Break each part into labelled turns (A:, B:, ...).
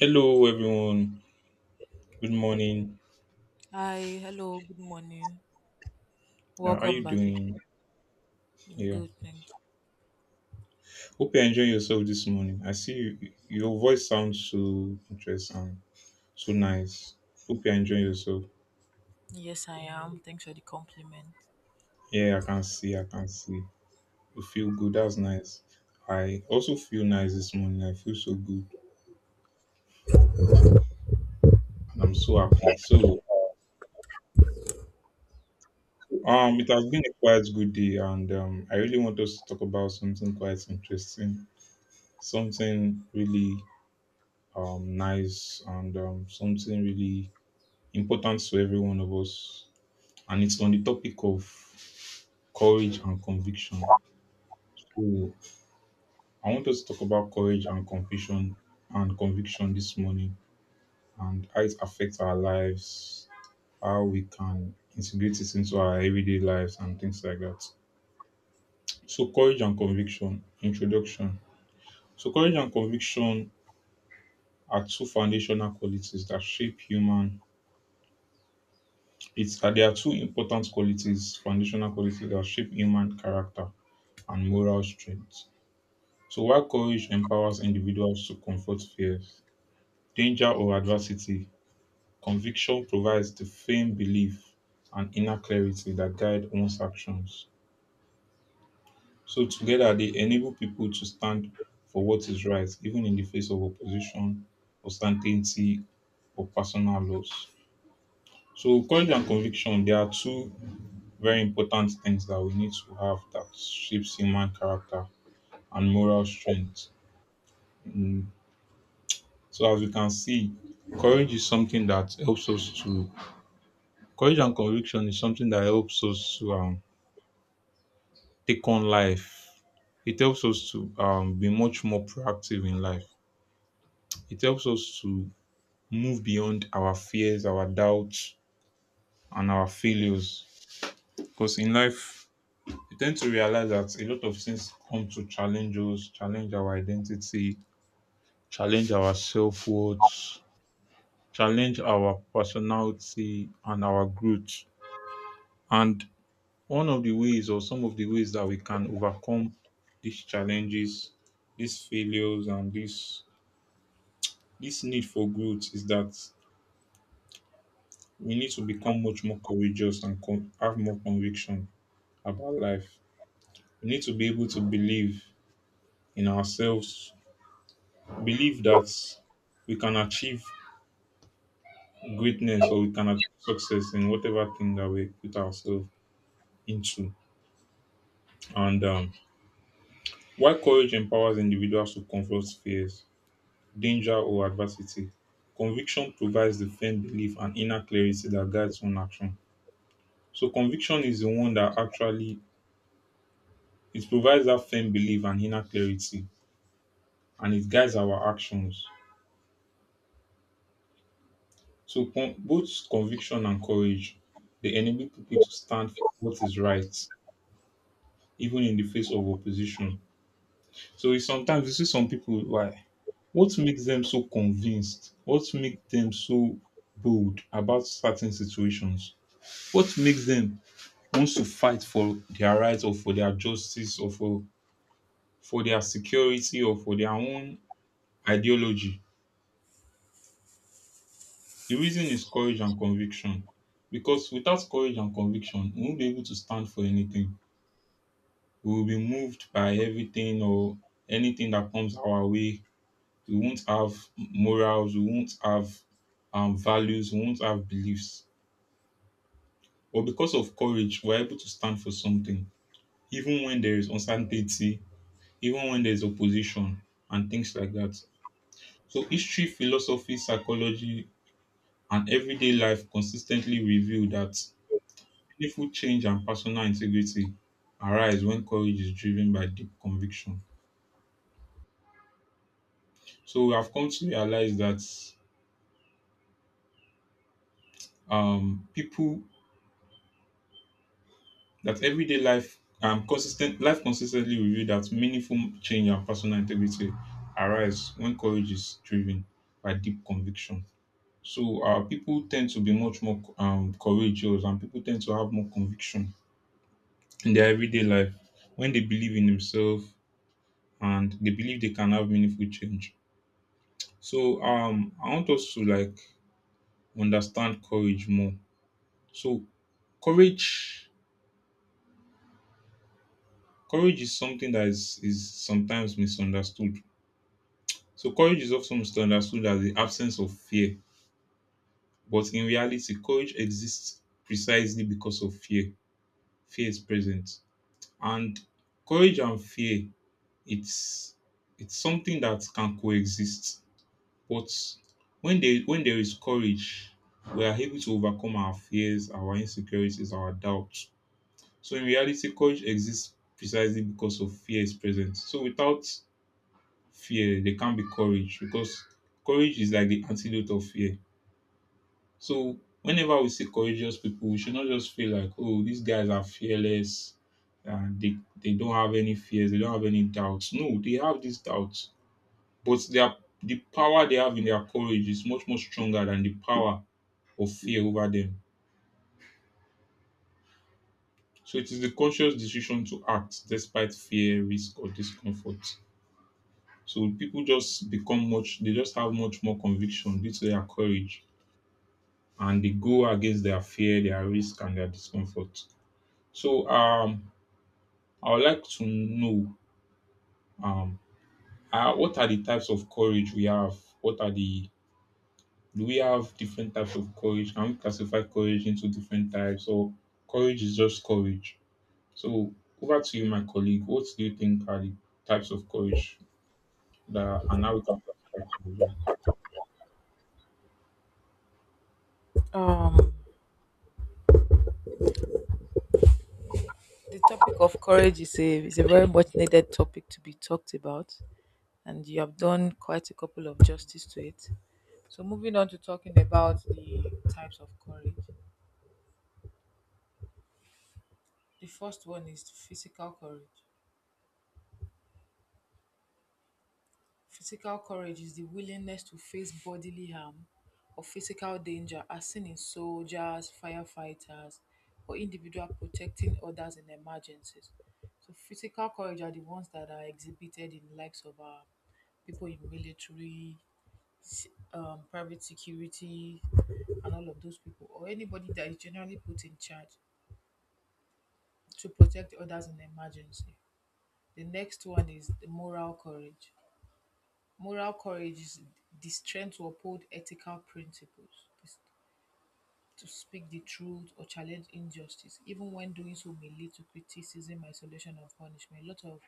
A: Hello, everyone. Good morning.
B: Hi, hello, good morning.
A: How are
B: Welcome
A: you
B: back.
A: doing? Yeah.
B: Good thing.
A: Hope you're enjoying yourself this morning. I see you, your voice sounds so interesting, so nice. Hope you're enjoying yourself.
B: Yes, I am. Thanks for the compliment.
A: Yeah, I can see. I can see. You feel good. That's nice. I also feel nice this morning. I feel so good, and I'm so happy. So, it has been a quite good day, and I really want us to talk about something quite interesting, something really nice, and something really important to every one of us. And it's on the topic of courage and conviction. So I want us to talk about courage and conviction this morning and how it affects our lives, how we can integrate it into our everyday lives and things like that. So courage and conviction, introduction. So courage and conviction are two foundational qualities that shape human. It's There are two important qualities, foundational qualities that shape human character. And moral strength. So while courage empowers individuals to confront fears, danger, or adversity, conviction provides the firm belief and inner clarity that guide one's actions. So together, they enable people to stand for what is right, even in the face of opposition, uncertainty, or personal loss. So courage and conviction, they are two very important things that we need to have that shapes human character and moral strength in. So as we can see, courage is something that helps us to courage and conviction is something that helps us to take on life. It helps us to be much more proactive in life. It helps us to move beyond our fears, our doubts, and our failures. Because in life, we tend to realize that a lot of things come to challenge us, challenge our identity, challenge our self worth, challenge our personality and our growth. And one of the ways or some of the ways that we can overcome these challenges, these failures and this need for growth is that we need to become much more courageous and have more conviction about life. We need to be able to believe in ourselves, believe that we can achieve greatness or we can achieve success in whatever thing that we put ourselves into. And Why courage empowers individuals to confront fears danger or adversity. Conviction provides the firm belief and inner clarity that guides one action. So conviction is the one that actually it provides that firm belief and inner clarity and it guides our actions. So both conviction and courage they enable people to stand for what is right, even in the face of opposition. So it's sometimes you see some people why what makes them so convinced? What makes them so bold about certain situations? What makes them wants to fight for their rights or for their justice or for their security or for their own ideology. The reason is courage and conviction. Because without courage and conviction, we won't be able to stand for anything. We will be moved by everything or anything that comes our way. We won't have morals, we won't have values, we won't have beliefs. But because of courage, we're able to stand for something. Even when there is uncertainty, even when there's opposition and things like that. So history, philosophy, psychology, and everyday life consistently reveal that meaningful change and personal integrity arise when courage is driven by deep conviction. So we have come to realize that people that everyday life consistently reveal that meaningful change and personal integrity arise when courage is driven by deep conviction. So people tend to be much more courageous and people tend to have more conviction in their everyday life when they believe in themselves and they believe they can have meaningful change. So I want us to like understand courage more. So courage, courage is something that is sometimes misunderstood. So courage is often misunderstood as the absence of fear, but in reality, courage exists precisely because of fear. Fear is present. And courage and fear, it's it's something that can coexist. But when there is courage, we are able to overcome our fears, our insecurities, our doubts. So in reality, courage exists precisely because of fear is present. So without fear, there can't be courage because courage is like the antidote of fear. So whenever we see courageous people, we should not just feel like, oh, these guys are fearless and they don't have any fears, they don't have any doubts. No, they have these doubts. But the power they have in their courage is much more stronger than the power of fear over them. So it is the conscious decision to act despite fear, risk, or discomfort. So people just become much they just have much more conviction due to their courage and they go against their fear, their risk and their discomfort. So I would like to know um what are the types of courage we have? What are the Do we have different types of courage? Can we classify courage into different types or courage is just courage? So over to you, my colleague. What do you think are the types of courage that And how we can classify courage? Yeah?
B: Um, the topic of courage is a very much needed topic to be talked about, and you have done quite a couple of justice to it. So, moving on to talking about the types of courage. The first one is physical courage. Physical courage is the willingness to face bodily harm or physical danger as seen in soldiers, firefighters, or individual protecting others in emergencies. So physical courage are the ones that are exhibited in likes of people in military, s- private security, and all of those people, or anybody that is generally put in charge to protect others in emergency. The next one is the moral courage. Moral courage is the strength to uphold ethical principles, is to speak the truth or challenge injustice, even when doing so may lead to criticism, isolation, or punishment. A lot of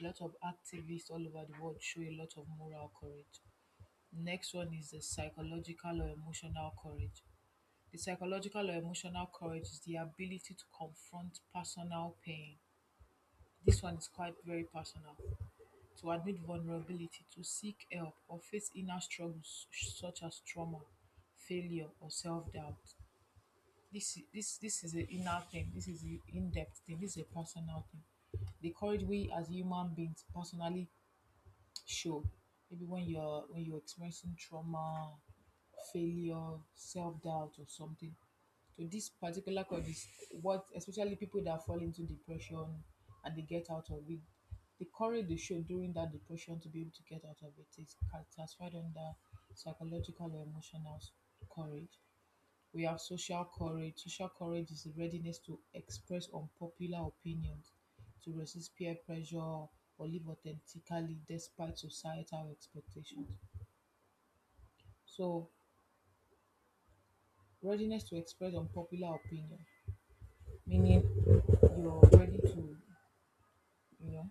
B: a lot of activists all over the world show a lot of moral courage. Next one is the psychological or emotional courage. The psychological or emotional courage is the ability to confront personal pain. This one is quite very personal, to admit vulnerability, to seek help, or face inner struggles such as trauma, failure, or self doubt. This is an inner thing, this is an in depth thing, this is a personal thing. The courage we as human beings personally show. Maybe when you're experiencing trauma, failure, self doubt, or something. So this particular cause is what especially people that fall into depression and they get out of it. The courage they show during that depression to be able to get out of it is classified under psychological or emotional courage. We have social courage. Social courage is the readiness to express unpopular opinions, to resist peer pressure, or live authentically despite societal expectations. So, readiness to express unpopular opinion, meaning you're ready to, you know,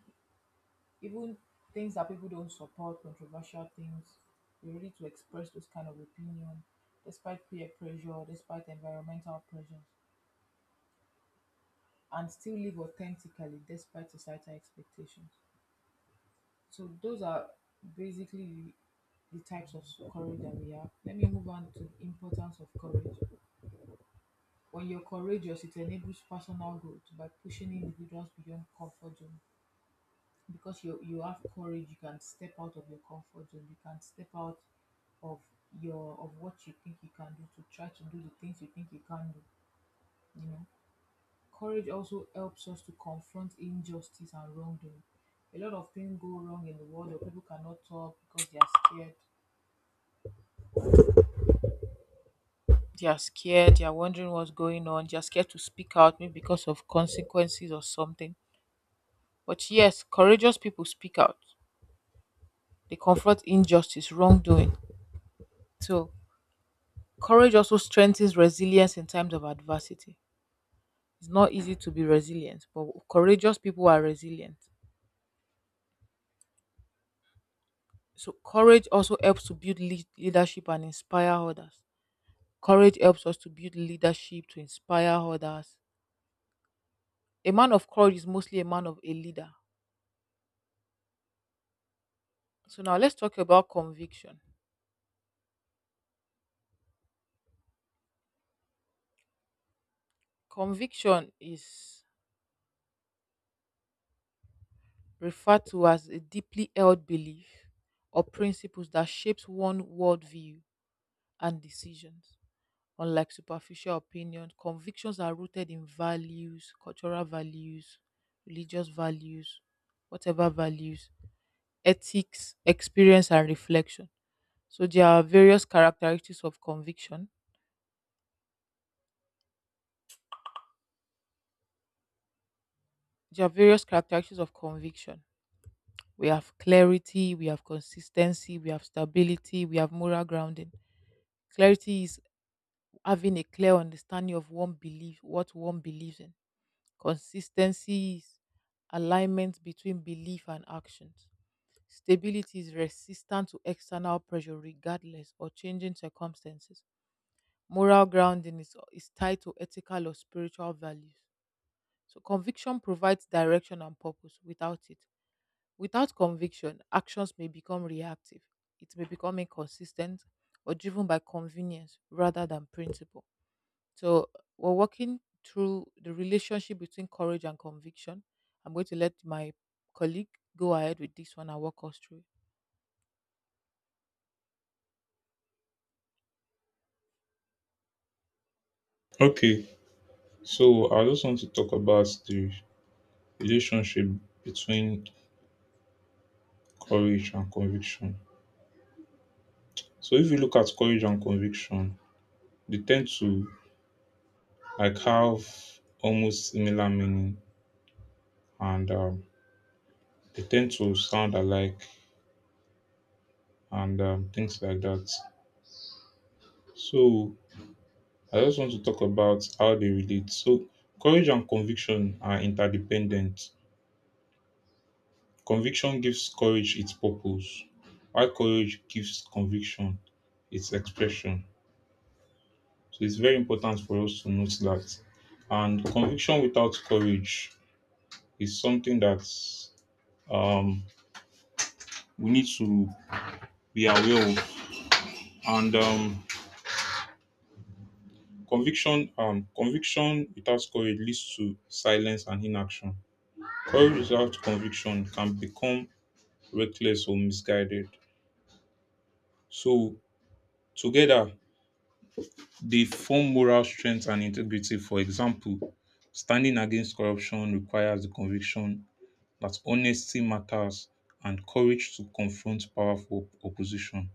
B: even things that people don't support, controversial things, you're ready to express those kind of opinion despite peer pressure, despite environmental pressures, and still live authentically despite societal expectations. So those are basically the types of courage that we have. Let me move on to the importance of courage. When you're courageous, it enables personal growth by pushing individuals beyond comfort zone. Because you have courage, you can step out of your comfort zone. You can step out of your of what you think you can do to try to do the things you think you can do. You know, courage also helps us to confront injustice and wrongdoing. A lot of things go wrong in the world, or people cannot talk because they are scared. They are scared. They are wondering what's going on. They are scared to speak out, maybe because of consequences or something. But yes, courageous people speak out. They confront injustice, wrongdoing. So courage also strengthens resilience in times of adversity. It's not easy to be resilient, but courageous people are resilient. So courage also helps to build leadership and inspire others. Courage helps us to build leadership to inspire others. A man of courage is mostly a man of a leader. So now let's talk about conviction. Conviction is referred to as a deeply held belief or principles that shapes one worldview and decisions. Unlike superficial opinions, convictions are rooted in values, cultural values, religious values, whatever values, ethics, experience, and reflection. So there are various characteristics of conviction. There are various characteristics of conviction. We have clarity, we have consistency, we have stability, we have moral grounding. Clarity is having a clear understanding of one belief, what one believes in. Consistency is alignment between belief and actions. Stability is resistant to external pressure, regardless or changing circumstances. Moral grounding is tied to ethical or spiritual values. So, conviction provides direction and purpose. Without it, without conviction, actions may become reactive. It may become inconsistent or driven by convenience rather than principle. So we're working through the relationship between courage and conviction. I'm going to let my colleague go ahead with this one and walk us through.
A: Okay, so I just want to talk about the relationship between courage and conviction. So if you look at courage and conviction, they tend to I have almost similar meaning and they tend to sound alike and things like that. So I just want to talk about how they relate. So courage and conviction are interdependent. Conviction gives courage its purpose, while courage gives conviction its expression. So it's very important for us to note that. And conviction without courage is something that um, we need to be aware of and conviction without courage leads to silence and inaction. Courage without conviction can become reckless or misguided. So together they form moral strength and integrity. For example, standing against corruption requires the conviction that honesty matters and courage to confront powerful opposition.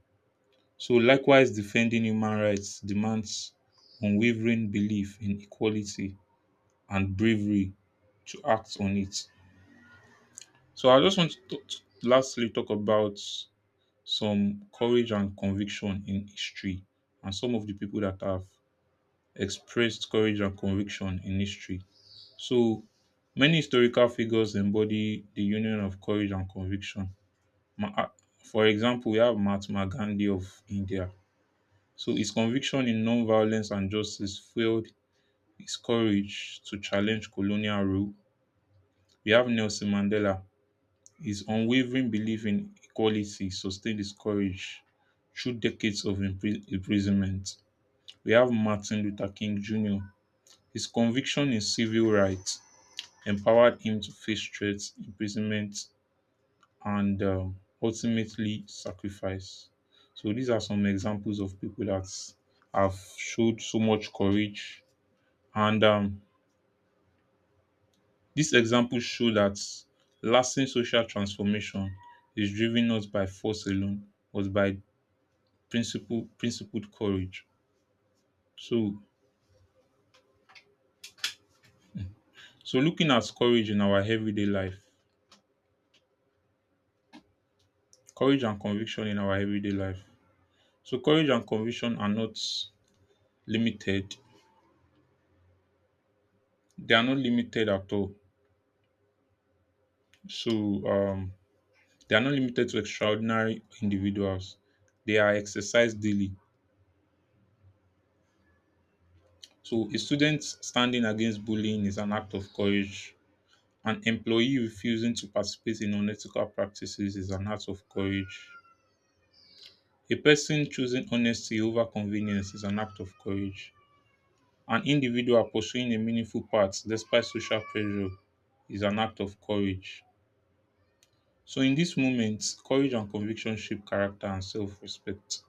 A: So likewise defending human rights demands unwavering belief in equality and bravery to act on it. So I just want to, lastly talk about some courage and conviction in history and some of the people that have expressed courage and conviction in history. So many historical figures embody the union of courage and conviction. Ma- ah, For example, we have Mahatma Gandhi of India. So his conviction in non-violence and justice fueled his courage to challenge colonial rule. We have Nelson Mandela. His unwavering belief in equality sustained his courage through decades of imprisonment. We have Martin Luther King Jr. His conviction in civil rights empowered him to face threats, imprisonment, and ultimately sacrifice. So, these are some examples of people that have showed so much courage. And These examples show that lasting social transformation is driven not by force alone, but by principled courage. So looking at courage and conviction in our everyday life. So courage and conviction are not limited. They are not limited at all. So um, they are not limited to extraordinary individuals. They are exercised daily. So a student standing against bullying is an act of courage. An employee refusing to participate in unethical practices is an act of courage. A person choosing honesty over convenience is an act of courage. An individual pursuing a meaningful path despite social pressure is an act of courage. So, in this moment, courage and conviction shape character and self respect.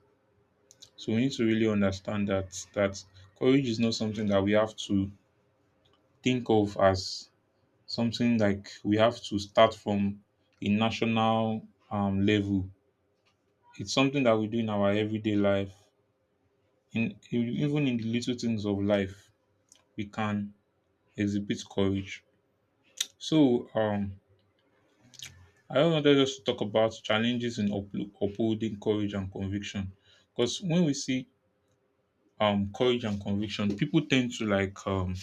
A: So, we need to really understand that courage is not something that we have to think of as something like we have to start from a national level. It's something that we do in our everyday life, in even in the little things of life we can exhibit courage. So, I wanted us to talk about challenges in upholding courage and conviction, because when we see courage and conviction,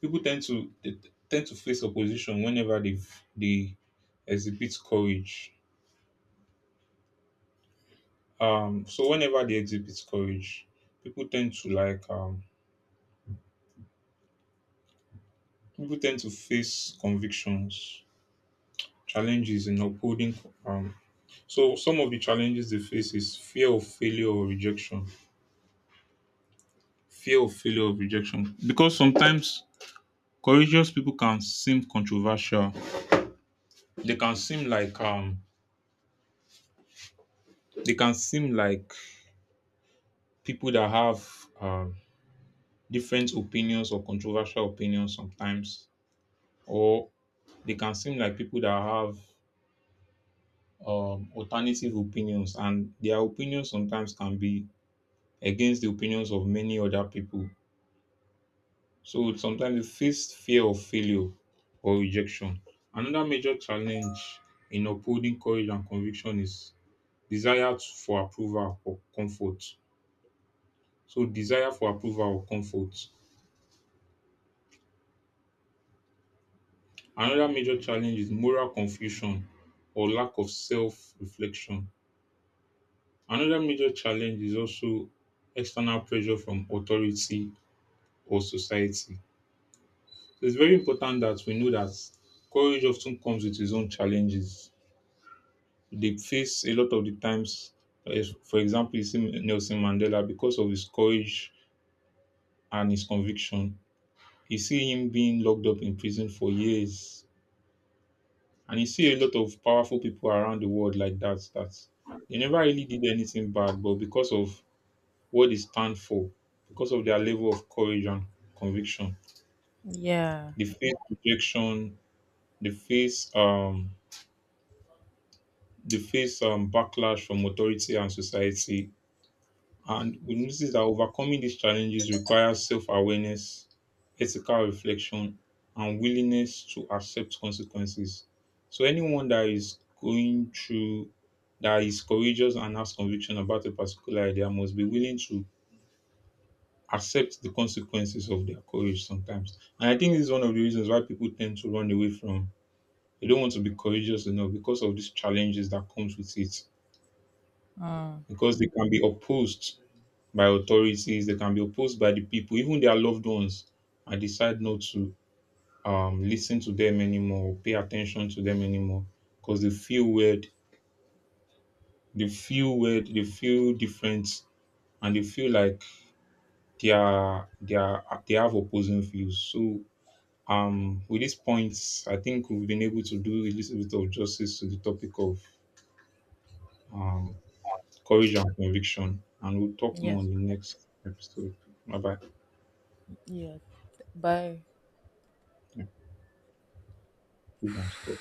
A: people tend to they tend to face opposition whenever they exhibit courage. So whenever they exhibit courage, people tend to like um people tend to face convictions, challenges in upholding um So some of the challenges they face is fear of failure or rejection. Fear of failure or rejection. Because sometimes courageous people can seem controversial. They can seem like they can seem like people that have um different opinions or controversial opinions sometimes. Or they can seem like people that have alternative opinions and their opinions sometimes can be against the opinions of many other people. So sometimes they face fear of failure or rejection. Another major challenge in upholding courage and conviction is for approval or comfort. So desire for approval or comfort. Another major challenge is moral confusion or lack of self-reflection. Another major challenge is also external pressure from authority or society. So it's very important that we know that courage often comes with its own challenges they face a lot of the times. As for example, you see Nelson Mandela because of his courage and his conviction. You see him being locked up in prison for years, and you see a lot of powerful people around the world like that. That they never really did anything bad, but because of what they stand for, because of their level of courage and conviction,
B: Yeah.
A: they face rejection, they face um, they face backlash from authority and society. And we notice that overcoming these challenges requires self awareness, ethical reflection, and willingness to accept consequences. So, anyone that is going through that is courageous and has conviction about a particular idea must be willing to accept the consequences of their courage sometimes. And I think this is one of the reasons why people tend to run away from they don't want to be courageous enough because of these challenges that comes with it.
B: Mm.
A: Because they can be opposed by authorities, they can be opposed by the people, even their loved ones, and decide not to listen to them anymore, or pay attention to them anymore, because they feel weird, they feel different, and they feel like they have opposing views. So with these points, I think we've been able to do a little bit of justice to the topic of um, courage and conviction, and we'll talk more on
B: Yes.
A: the next episode. Bye bye.
B: Yeah. Bye.
A: Yeah, we can stop.